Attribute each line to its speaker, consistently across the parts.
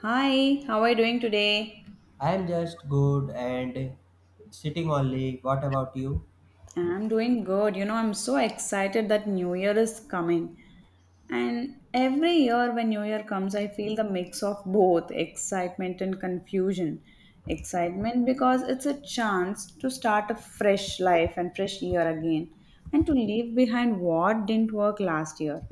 Speaker 1: Hi, how are you doing today?
Speaker 2: I am just good and sitting only. What about you?
Speaker 1: I'm doing good. You know, I'm so excited that New Year is coming. And every year when New Year comes, I feel the mix of both excitement and confusion. Excitement because it's a chance to start a fresh life and fresh year again, and to leave behind what didn't work last year,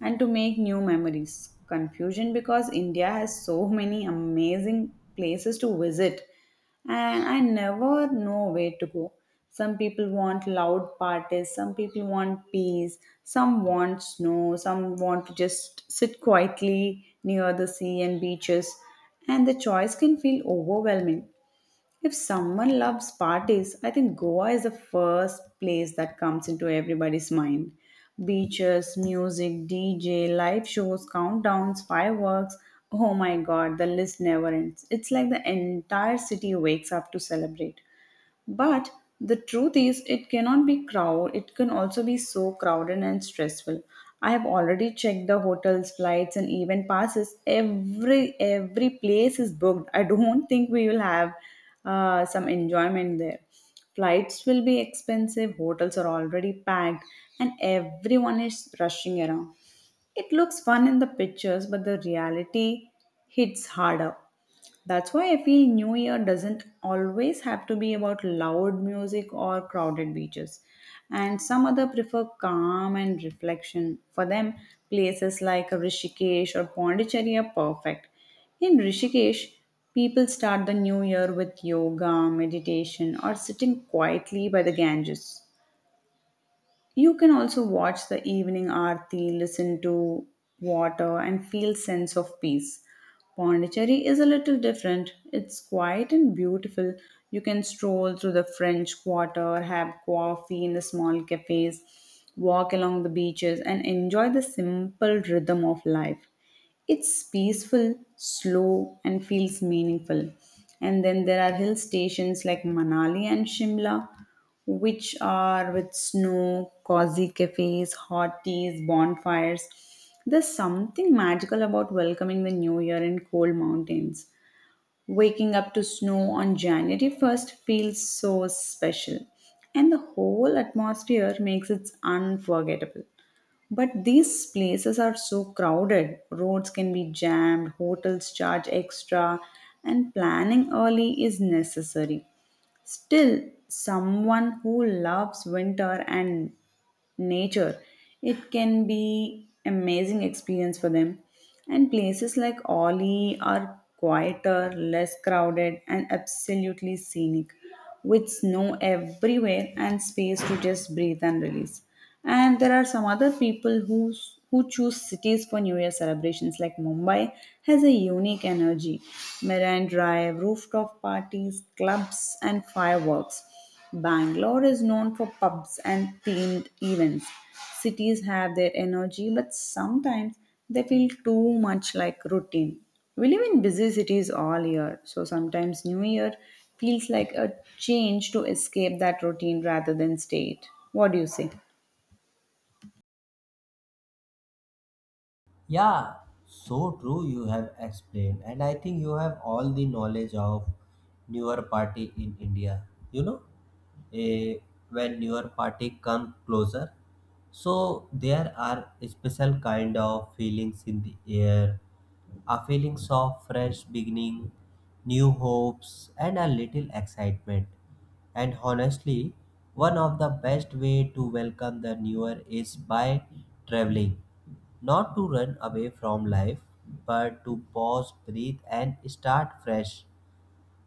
Speaker 1: and to make new memories. Confusion because India has so many amazing places to visit and I never know where to go. Some people want loud parties, some people want peace, some want snow, some want to just sit quietly near the sea and beaches, and the choice can feel overwhelming. If someone loves parties, I think Goa is the first place that comes into everybody's mind. Beaches, music, DJ, live shows, countdowns, fireworks. Oh my god, the list never ends. It's like the entire city wakes up to celebrate. But the truth is, it cannot be crowd. It can also be so crowded and stressful. I have already checked the hotels, flights, and event passes. Every place is booked. I don't think we will have some enjoyment there. Flights will be expensive. Hotels are already packed, and everyone is rushing around. It looks fun in the pictures, but the reality hits harder. That's why I feel New Year doesn't always have to be about loud music or crowded beaches. And some other prefer calm and reflection. For them, places like Rishikesh or Pondicherry are perfect. In Rishikesh, people start the new year with yoga, meditation, or sitting quietly by the Ganges. You can also watch the evening aarti, listen to water, and feel sense of peace. Pondicherry is a little different. It's quiet and beautiful. You can stroll through the French Quarter, have coffee in the small cafes, walk along the beaches, and enjoy the simple rhythm of life. It's peaceful, slow, and feels meaningful. And then there are hill stations like Manali and Shimla, which are with snow, cozy cafes, hot teas, bonfires. There's something magical about welcoming the new year in cold mountains. Waking up to snow on January 1st feels so special, and the whole atmosphere makes it unforgettable. But these places are so crowded, roads can be jammed, hotels charge extra, and planning early is necessary. Still, someone who loves winter and nature, it can be amazing experience for them, and places like ollie are quieter, less crowded, and absolutely scenic, with snow everywhere and space to just breathe and release. And there are some other people who choose cities for new year celebrations. Like Mumbai has a unique energy, marine drive, rooftop parties, clubs, and fireworks. Bangalore is known for pubs and themed events. Cities have their energy, but sometimes they feel too much like routine. We live in busy cities all year, so sometimes New Year feels like a change to escape that routine rather than stay it. What do you say?
Speaker 2: Yeah, so true you have explained, and I think you have all the knowledge of newer party in India. You know, eh, when newer party come closer, so there are special kind of feelings in the air, a feelings of fresh beginning, new hopes, and a little excitement. And honestly, one of the best way to welcome the newer is by traveling. Not to run away from life, but to pause, breathe, and start fresh.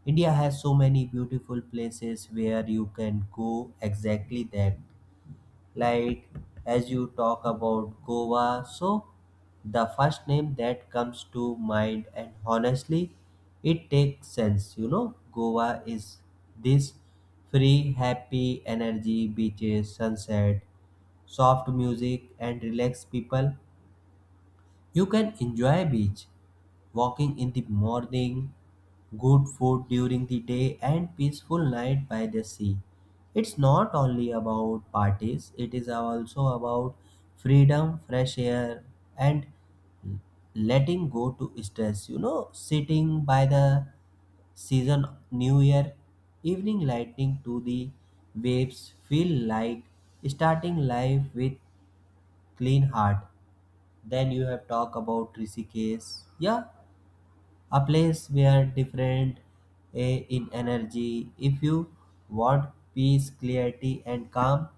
Speaker 2: India has so many beautiful places where you can go exactly that. Like as you talk about Goa, so the first name that comes to mind, and honestly, it takes sense. You know, Goa is this free, happy energy, beaches, sunset, soft music, and relaxed people. You can enjoy beach walking in the morning, good food during the day and peaceful night by the sea. It's not only about parties, it is also about freedom, fresh air and letting go to stress. You know, sitting by the season new year evening lightning to the waves feel like starting life with clean heart. Then you have talk about Rishikesh. Yeah, a place where different in energy. If you want peace, clarity and calm,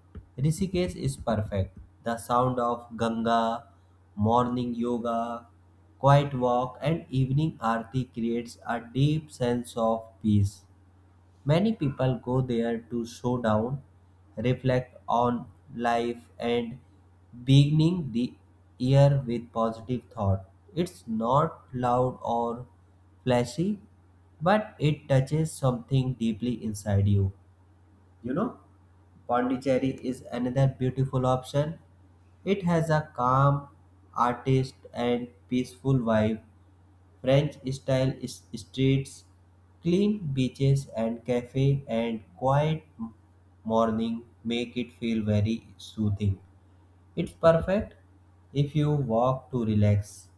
Speaker 2: Rishikesh is perfect. The sound of Ganga, morning yoga, quiet walk and evening aarti creates a deep sense of peace. Many people go there to slow down, reflect on life, and beginning the year with positive thought. It's not loud or flashy, but it touches something deeply inside you. You know, Pondicherry is another beautiful option. It has a calm, artist, and peaceful vibe. French style streets, clean beaches and cafe and quiet morning make it feel very soothing. It's perfect if you walk to relax,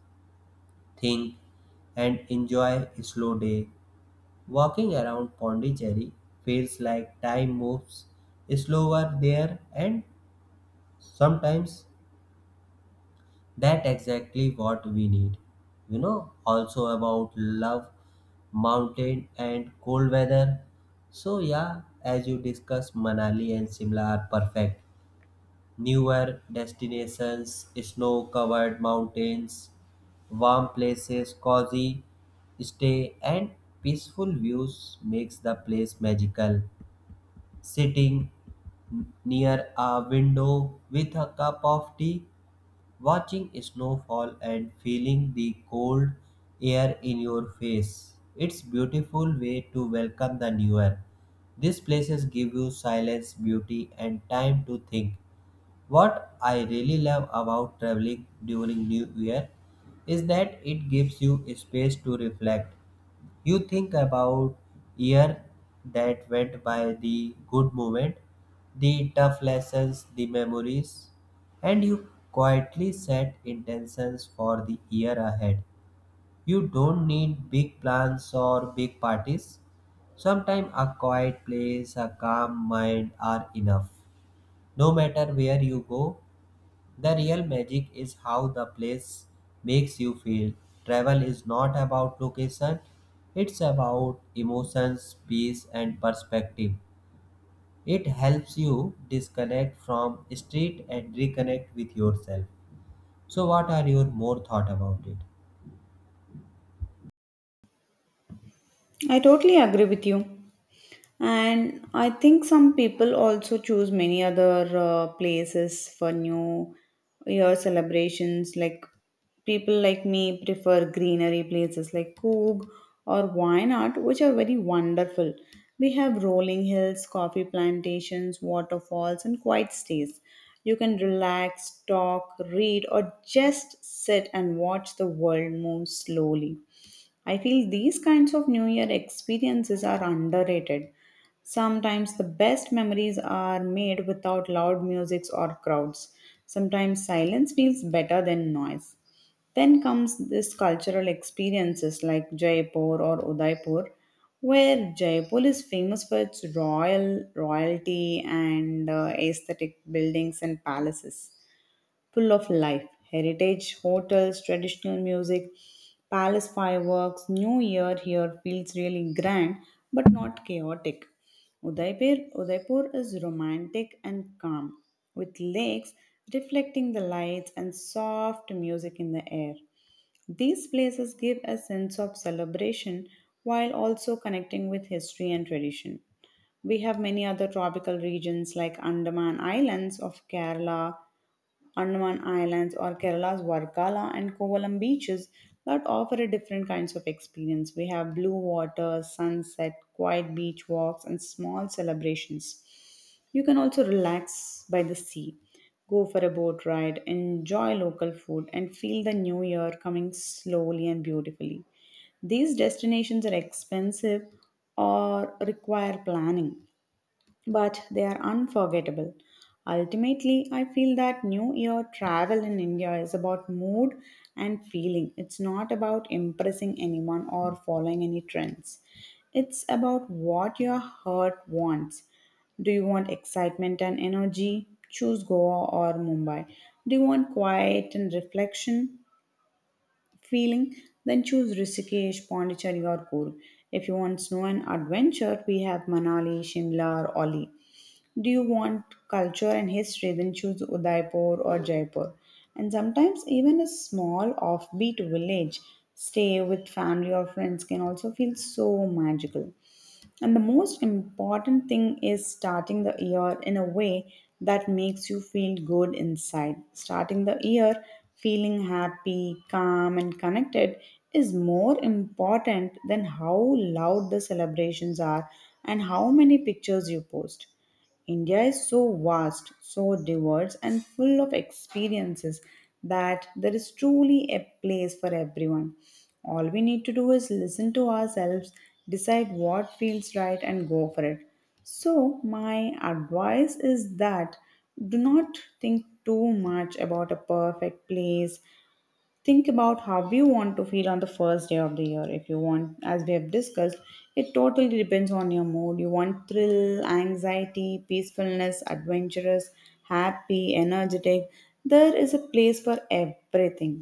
Speaker 2: think and enjoy a slow day. Walking around Pondicherry feels like time moves slower there, and sometimes that exactly what we need. You know, also about love, mountain and cold weather. So yeah, as you discussed, Manali and Shimla are perfect. Newer destinations, snow-covered mountains, warm places, cozy stay, and peaceful views makes the place magical. Sitting near a window with a cup of tea, watching snowfall and feeling the cold air in your face. It's beautiful way to welcome the new year. These places give you silence, beauty and time to think. What I really love about traveling during new year is that it gives you space to reflect. You think about year that went by, the good moment, the tough lessons, the memories, and you quietly set intentions for the year ahead. You don't need big plans or big parties. Sometimes a quiet place, a calm mind are enough. No matter where you go, the real magic is how the place makes you feel. Travel is not about location, it's about emotions, peace, and perspective. It helps you disconnect from street and reconnect with yourself. So, what are your more thought about it?
Speaker 1: I totally agree with you. And I think some people also choose many other places for New Year celebrations. Like people like me prefer greenery places like Coog or Wayanad, which are very wonderful. We have rolling hills, coffee plantations, waterfalls, and quiet stays. You can relax, talk, read, or just sit and watch the world move slowly. I feel these kinds of New Year experiences are underrated. Sometimes the best memories are made without loud musics or crowds. Sometimes silence feels better than noise. Then comes this cultural experiences like Jaipur or Udaipur, where Jaipur is famous for its royalty and aesthetic buildings and palaces full of life. Heritage hotels, traditional music, palace fireworks, New Year here feels really grand but not chaotic. Udaipur is romantic and calm, with lakes reflecting the lights and soft music in the air. These places give a sense of celebration while also connecting with history and tradition. We have many other tropical regions like Andaman Islands or Kerala's Varkala and Kovalam beaches that offer a different kinds of experience. We have blue water, sunset, quiet beach walks and small celebrations. You can also relax by the sea, go for a boat ride, enjoy local food, and feel the new year coming slowly and beautifully. These destinations are expensive or require planning, but they are unforgettable. Ultimately, I feel that New Year travel in India is about mood and feeling. It's not about impressing anyone or following any trends. It's about what your heart wants. Do you want excitement and energy? Choose Goa or Mumbai. Do you want quiet and reflection feeling? Then choose Rishikesh, Pondicherry, or Coorg. If you want snow and adventure, we have Manali, Shimla, or Oli. Do you want culture and history? Then choose Udaipur or Jaipur. And sometimes, even a small offbeat village stay with family or friends can also feel so magical. And the most important thing is starting the year in a way that makes you feel good inside. Starting the year feeling happy, calm, and connected is more important than how loud the celebrations are and how many pictures you post. India is so vast, so diverse, and full of experiences that there is truly a place for everyone. All we need to do is listen to ourselves, decide what feels right, and go for it. So, my advice is that do not think too much about a perfect place. Think about how you want to feel on the first day of the year. If you want, as we have discussed, it totally depends on your mood. You want thrill, anxiety, peacefulness, adventurous, happy, energetic, there is a place for everything.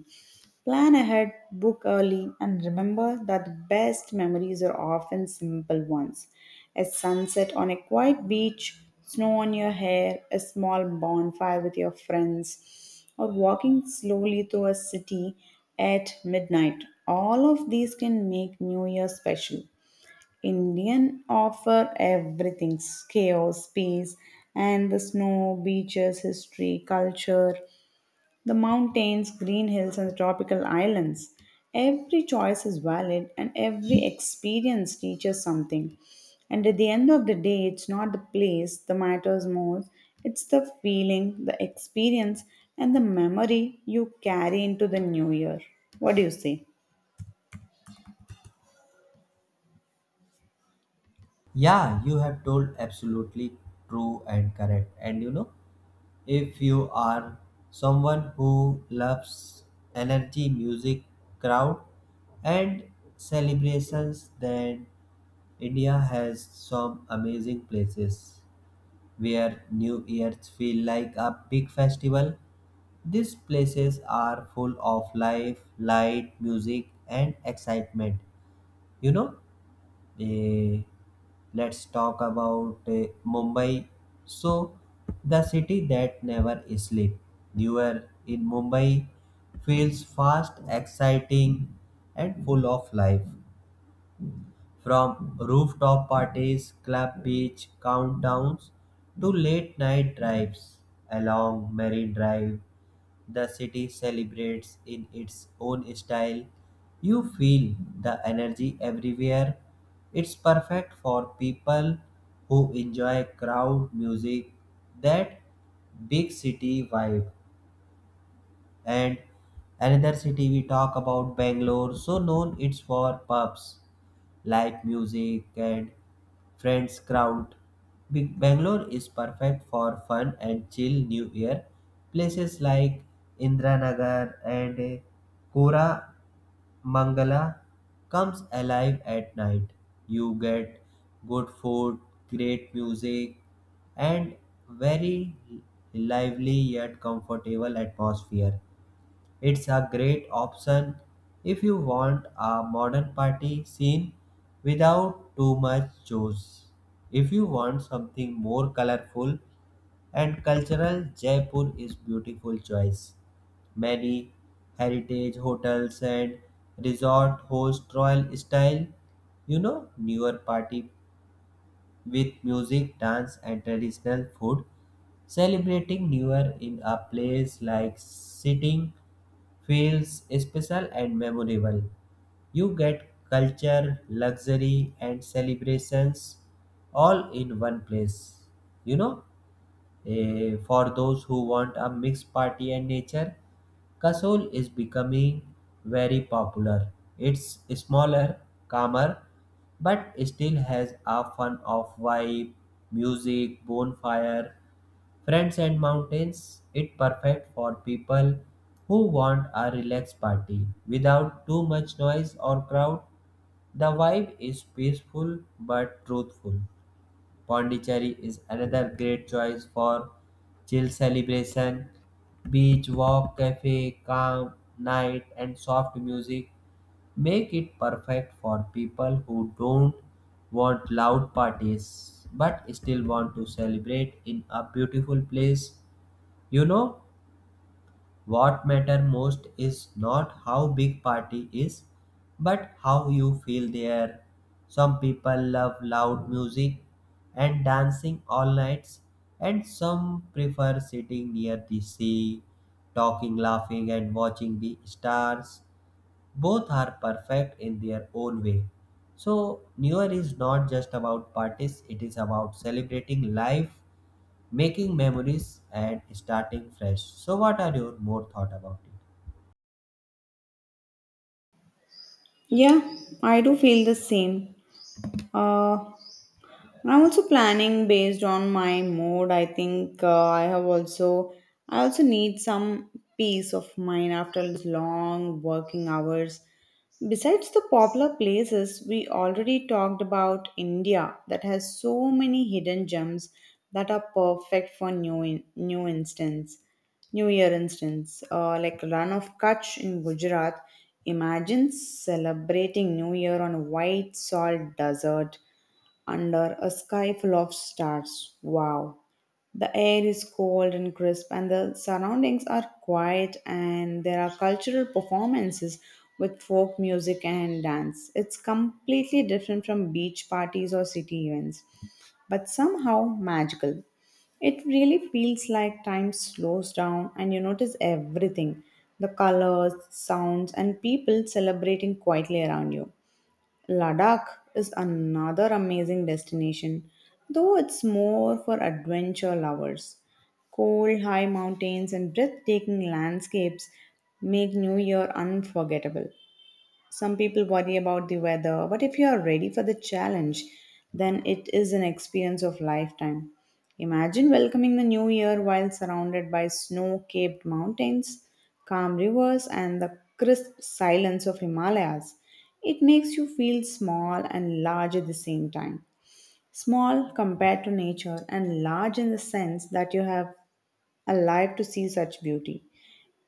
Speaker 1: Plan ahead, book early, and remember that the best memories are often simple ones. A sunset on a quiet beach, snow on your hair, a small bonfire with your friends, or walking slowly through a city at midnight. All of these can make New Year special. Indian offer everything, chaos, peace, and the snow, beaches, history, culture. The mountains, green hills, and tropical islands. Every choice is valid and every experience teaches something. And at the end of the day, it's not the place that matters most, it's the feeling, the experience, and the memory you carry into the new year. What do you say?
Speaker 2: Yeah, you have told absolutely true and correct. And you know, if you are someone who loves energy, music, crowd, and celebrations, then India has some amazing places where New Year's feel like a big festival. These places are full of life, light, music, and excitement. You know, Eh, let's talk about Mumbai. So, the city that never sleeps. You are in Mumbai feels fast, exciting, and full of life. From rooftop parties, club beach countdowns to late night drives along Marine Drive, the city celebrates in its own style. You feel the energy everywhere. It's perfect for people who enjoy crowd music, that big city vibe. And another city we talk about Bangalore, so known it's for pubs, live music, and friends crowd. Big Bangalore is perfect for fun and chill New Year. Places like Indranagar and Kora Mangala comes alive at night. You get good food, great music, and very lively yet comfortable atmosphere. It's a great option if you want a modern party scene without too much juice. If you want something more colorful and cultural, Jaipur is beautiful choice. Many heritage hotels and resort host royal style, you know, newer party with music, dance, and traditional food. Celebrating New Year in a place like sitting feels special and memorable. You get culture, luxury, and celebrations all in one place. You know? For those who want a mixed party and nature, Kasol is becoming very popular. It's smaller, calmer, but still has a fun of vibe, music, bonfire, friends and mountains. It perfect for people who want a relaxed party without too much noise or crowd. The vibe is peaceful but truthful. Pondicherry is another great choice for chill celebration. Beach walk, cafe, calm night, and soft music make it perfect for people who don't want loud parties but still want to celebrate in a beautiful place. You know, what matter most is not how big party is, but how you feel there. Some people love loud music and dancing all nights, and some prefer sitting near the sea, talking, laughing, and watching the stars. Both are perfect in their own way. So, New Year is not just about parties, it is about celebrating life, making memories and starting fresh. So, what are your more thought about it?
Speaker 1: Yeah, I do feel the same. Uh, I'm also planning based on my mood. I think I also need some peace of mind after long working hours. Besides the popular places, we already talked about India that has so many hidden gems that are perfect for new instance. New Year instance, like Run of Kutch in Gujarat. Imagine celebrating New Year on a white salt desert under a sky full of stars. Wow. The air is cold and crisp, and the surroundings are quiet, and there are cultural performances with folk music and dance. It's completely different from beach parties or city events, but somehow magical. It really feels like time slows down and you notice everything, the colors, sounds, and people celebrating quietly around you. Ladakh is another amazing destination, though it's more for adventure lovers. Cold, high mountains and breathtaking landscapes make New Year unforgettable. Some people worry about the weather, but if you are ready for the challenge, then it is an experience of lifetime. Imagine welcoming the new year while surrounded by snow capped mountains, calm rivers, and the crisp silence of Himalayas. It makes you feel small and large at the same time. Small compared to nature, and large in the sense that you have alive to see such beauty.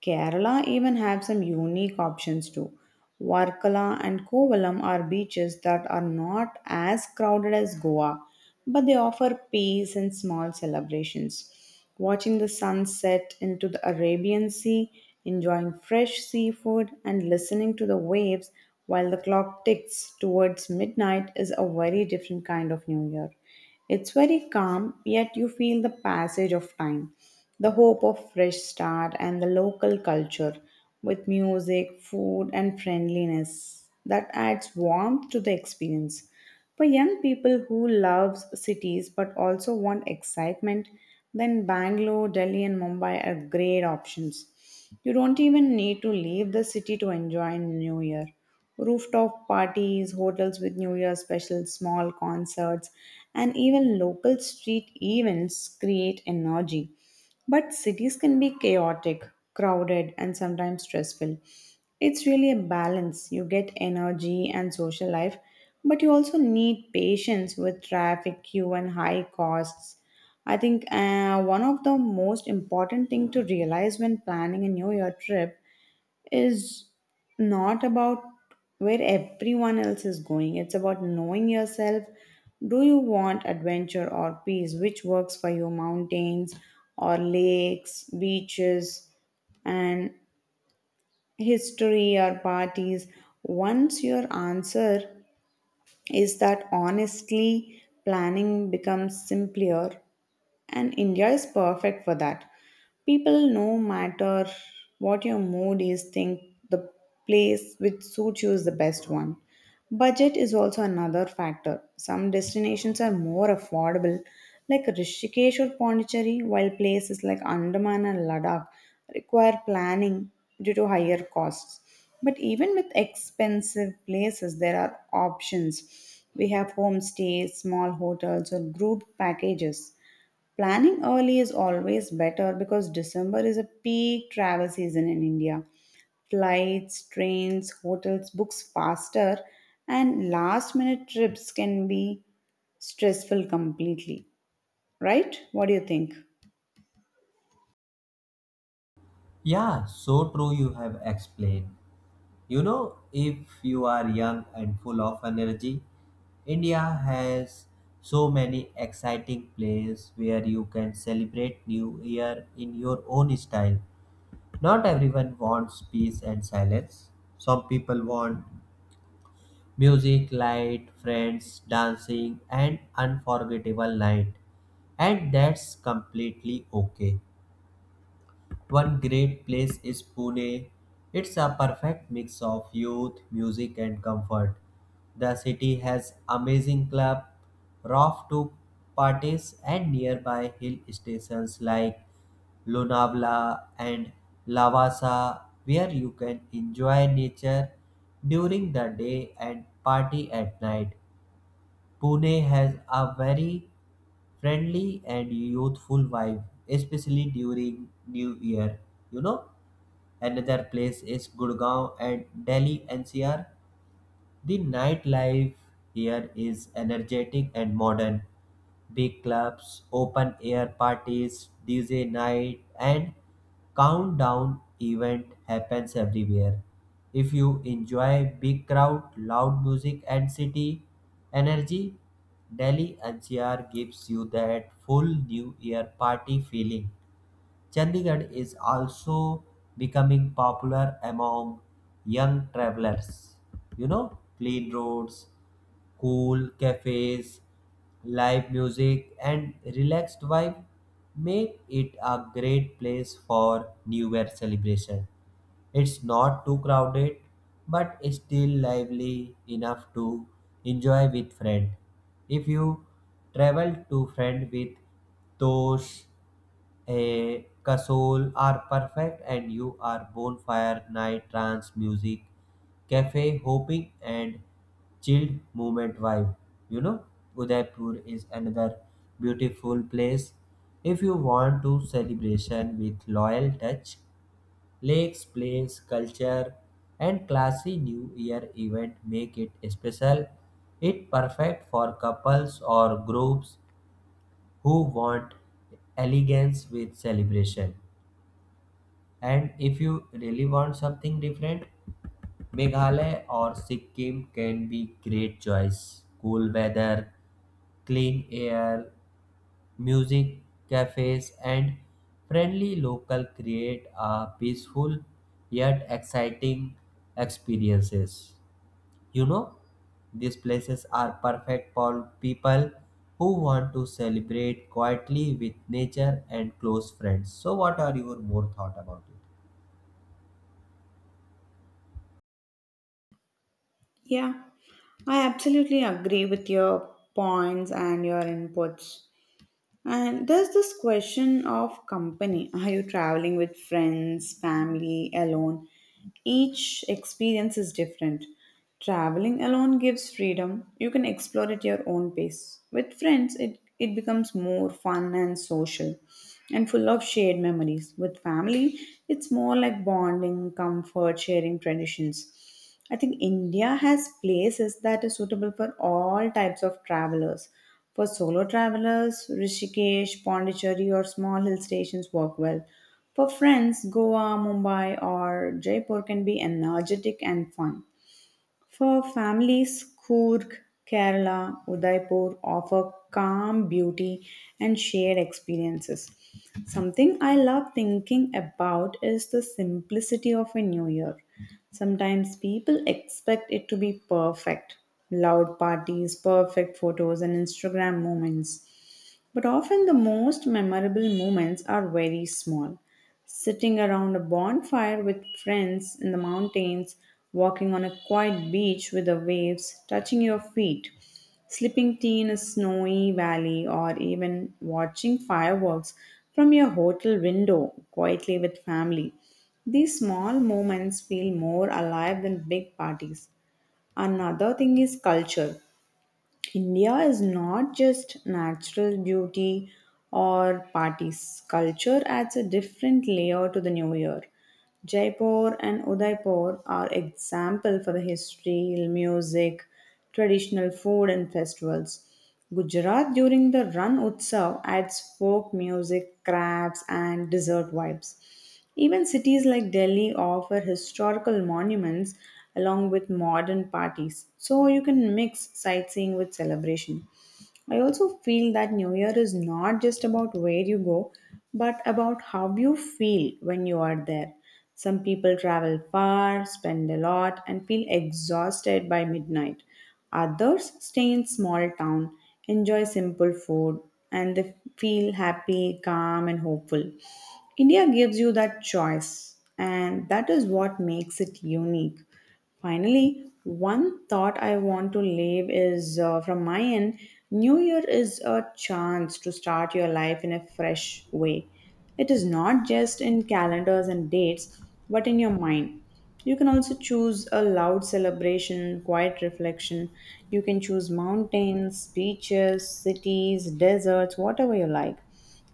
Speaker 1: Kerala even have some unique options too. Varkala and Kovalam are beaches that are not as crowded as Goa, but they offer peace and small celebrations. Watching the sunset into the Arabian Sea, enjoying fresh seafood, and listening to the waves while the clock ticks towards midnight is a very different kind of New Year. It's very calm, yet you feel the passage of time, the hope of fresh start and the local culture with music, food and friendliness that adds warmth to the experience. For young people who love cities but also want excitement, then Bangalore, Delhi and Mumbai are great options. You don't even need to leave the city to enjoy New Year. Rooftop parties, hotels with New Year specials, small concerts, and even local street events create energy. But cities can be chaotic, crowded, and sometimes stressful. It's really a balance. You get energy and social life, but you also need patience with traffic, queue, and high costs. I think one of the most important thing to realize when planning a New Year trip is not about where everyone else is going. It's about knowing yourself. Do you want adventure or peace? Which works for you? Mountains or lakes, beaches, and history or parties? Once your answer is that, honestly, planning becomes simpler and India is perfect for that. People, no matter what your mood is, think the place which suits you is the best one. Budget is also another factor. Some destinations are more affordable, like Rishikesh or Pondicherry, while places like Andaman and Ladakh require planning due to higher costs. But even with expensive places, there are options. We have homestays, small hotels, or group packages. Planning early is always better because December is a peak travel season in India. Flights, trains, hotels books faster, and last minute trips can be stressful completely. Right? What do you think?
Speaker 2: Yeah, so true. You have explained. You know, if you are young and full of energy, India has so many exciting places where you can celebrate New Year in your own style. Not everyone wants peace and silence. Some people want music, light, friends, dancing, and unforgettable night. And that's completely okay. One great place is Pune. It's a perfect mix of youth, music, and comfort. The city has amazing club, rough to parties, and nearby hill stations like Lunavla and Lavasa, where you can enjoy nature during the day and party at night. Pune has a very friendly and youthful vibe, especially during New Year. You know, another place is Gurgaon and Delhi NCR. The nightlife here is energetic and modern. Big clubs, open air parties, DJ night, and countdown event happens everywhere. If you enjoy big crowd, loud music, and city energy, Delhi NCR gives you that full New Year party feeling. Chandigarh is also becoming popular among young travelers. You know, clean roads, cool cafes, live music, and relaxed vibe make it a great place for New Year celebration. It's not too crowded, but still lively enough to enjoy with friend. If you travel to friend with Tosh, a Kasol are perfect and you are bonfire night trance music, cafe hopping and chilled movement vibe. You know, Udaipur is another beautiful place. If you want to celebration with loyal touch, lakes, plains, culture, and classy New Year event make it special. It perfect for couples or groups who want elegance with celebration. And if you really want something different, Meghalaya or Sikkim can be great choice. Cool weather, clean air, music, cafes, and friendly local create a peaceful yet exciting experiences. You know, these places are perfect for people who want to celebrate quietly with nature and close friends. So, what are your more thought about it?
Speaker 1: Yeah, I absolutely agree with your points and your inputs. And there's this question of company. Are you traveling with friends, family, alone? Each experience is different. Traveling alone gives freedom. You can explore at your own pace. With friends, it becomes more fun and social and full of shared memories. With family, it's more like bonding, comfort, sharing traditions. I think India has places that are suitable for all types of travelers. For solo travelers, Rishikesh, Pondicherry, or small hill stations work well. For friends, Goa, Mumbai, or Jaipur can be energetic and fun. For families, Coorg, Kerala, Udaipur offer calm beauty and shared experiences. Something I love thinking about is the simplicity of a new year. Sometimes people expect it to be perfect loud parties, perfect photos, and Instagram moments. But often the most memorable moments are very small. Sitting around a bonfire with friends in the mountains, walking on a quiet beach with the waves touching your feet, slipping tea in a snowy valley, or even watching fireworks from your hotel window quietly with family. These small moments feel more alive than big parties. Another thing is culture. India is not just natural beauty or parties. Culture adds a different layer to the new year. Jaipur and Udaipur are example for the history, music, traditional food and festivals. Gujarat during the Ran Utsav adds folk music, crafts and dessert vibes. Even cities like Delhi offer historical monuments along with modern parties, so you can mix sightseeing with celebration. I also feel that New Year is not just about where you go, but about how you feel when you are there. Some people travel far, spend a lot, and feel exhausted by midnight. Others stay in small town, enjoy simple food, and they feel happy, calm, and hopeful. India gives you that choice, and that is what makes it unique. Finally, one thought I want to leave is from my end New Year is a chance to start your life in a fresh way. It is not just in calendars and dates, but in your mind. You can also choose a loud celebration, quiet reflection. You can choose mountains, beaches, cities, deserts, whatever you like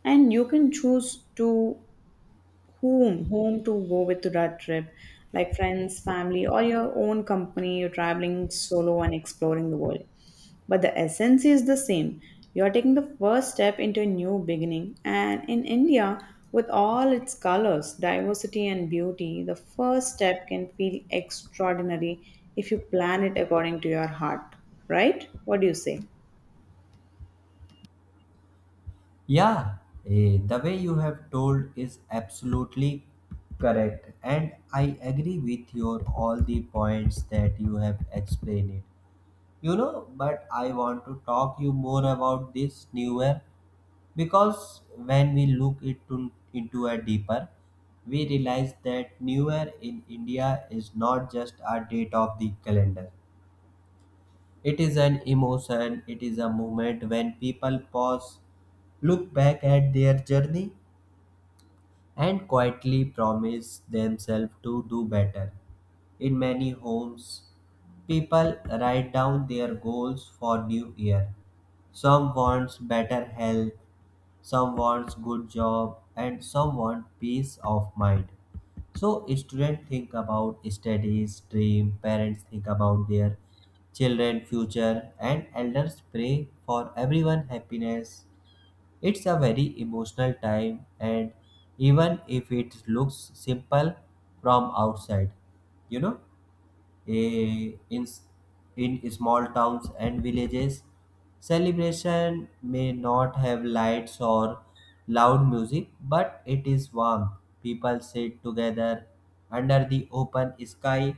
Speaker 1: and you can choose to whom? Whom to go with to that trip? Like friends, family, or your own company, you're traveling solo and exploring the world. But the essence is the same. You're taking the first step into a new beginning. And in India, with all its colors, diversity, and beauty, the first step can feel extraordinary if you plan it according to your heart. Right? What do you say?
Speaker 2: Yeah, the way you have told is absolutely correct, and I agree with your all the points that you have explained it. You know, but I want to talk you more about this newer because when we look into a deeper, we realize that newer in India is not just a date of the calendar. It is an emotion. It is a moment when people pause, look back at their journey, and quietly promise themselves to do better. In many homes, people write down their goals for new year. Some wants better health, some wants good job, and some want peace of mind. So students think about studies, dream, parents think about their children future and elders pray for everyone happiness. It's a very emotional time, and even if it looks simple from outside, you know, eh, in, s- in small towns and villages, celebration may not have lights or loud music, but it is warm. People sit together under the open sky,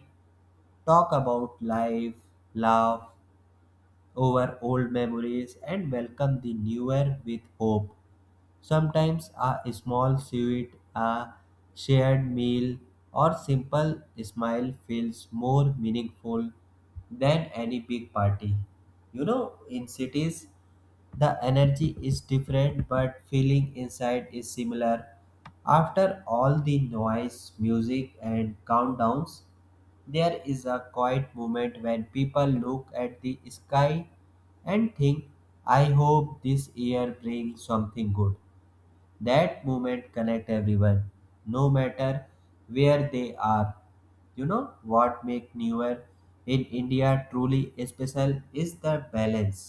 Speaker 2: talk about life, laugh over old memories, and welcome the new year with hope. Sometimes a small sweet, a shared meal, or simple smile feels more meaningful than any big party. You know, in cities, the energy is different, but feeling inside is similar. After all the noise, music, and countdowns, there is a quiet moment when people look at the sky and think, I hope this year brings something good. That moment connect everyone no matter where they are. You know what make newer in India truly special is the balance,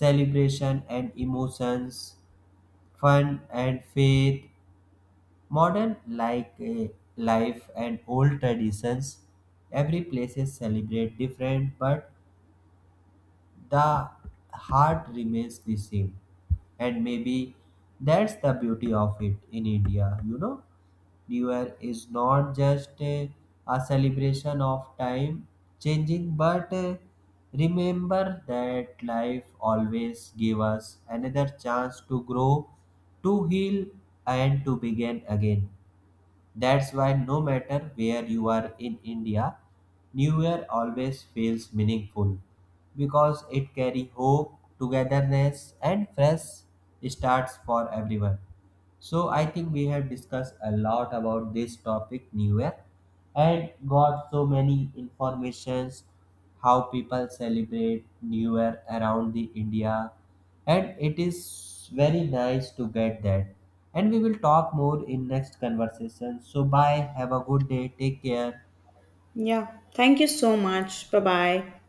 Speaker 2: celebration and emotions, fun and faith, modern like life and old traditions. Every places celebrate different, but the heart remains the same. And maybe that's the beauty of it in India, you know. New Year is not just a celebration of time changing, but remember that life always gives us another chance to grow, to heal, and to begin again. That's why no matter where you are in India, New Year always feels meaningful because it carries hope, togetherness, and fresh starts for everyone. So I think we have discussed a lot about this topic, New Year, and got so many informations how people celebrate New Year around the India, and it is very nice to get that. And we will talk more in next conversation. So bye, have a good day, take care.
Speaker 1: Yeah. Thank you so much. Bye bye.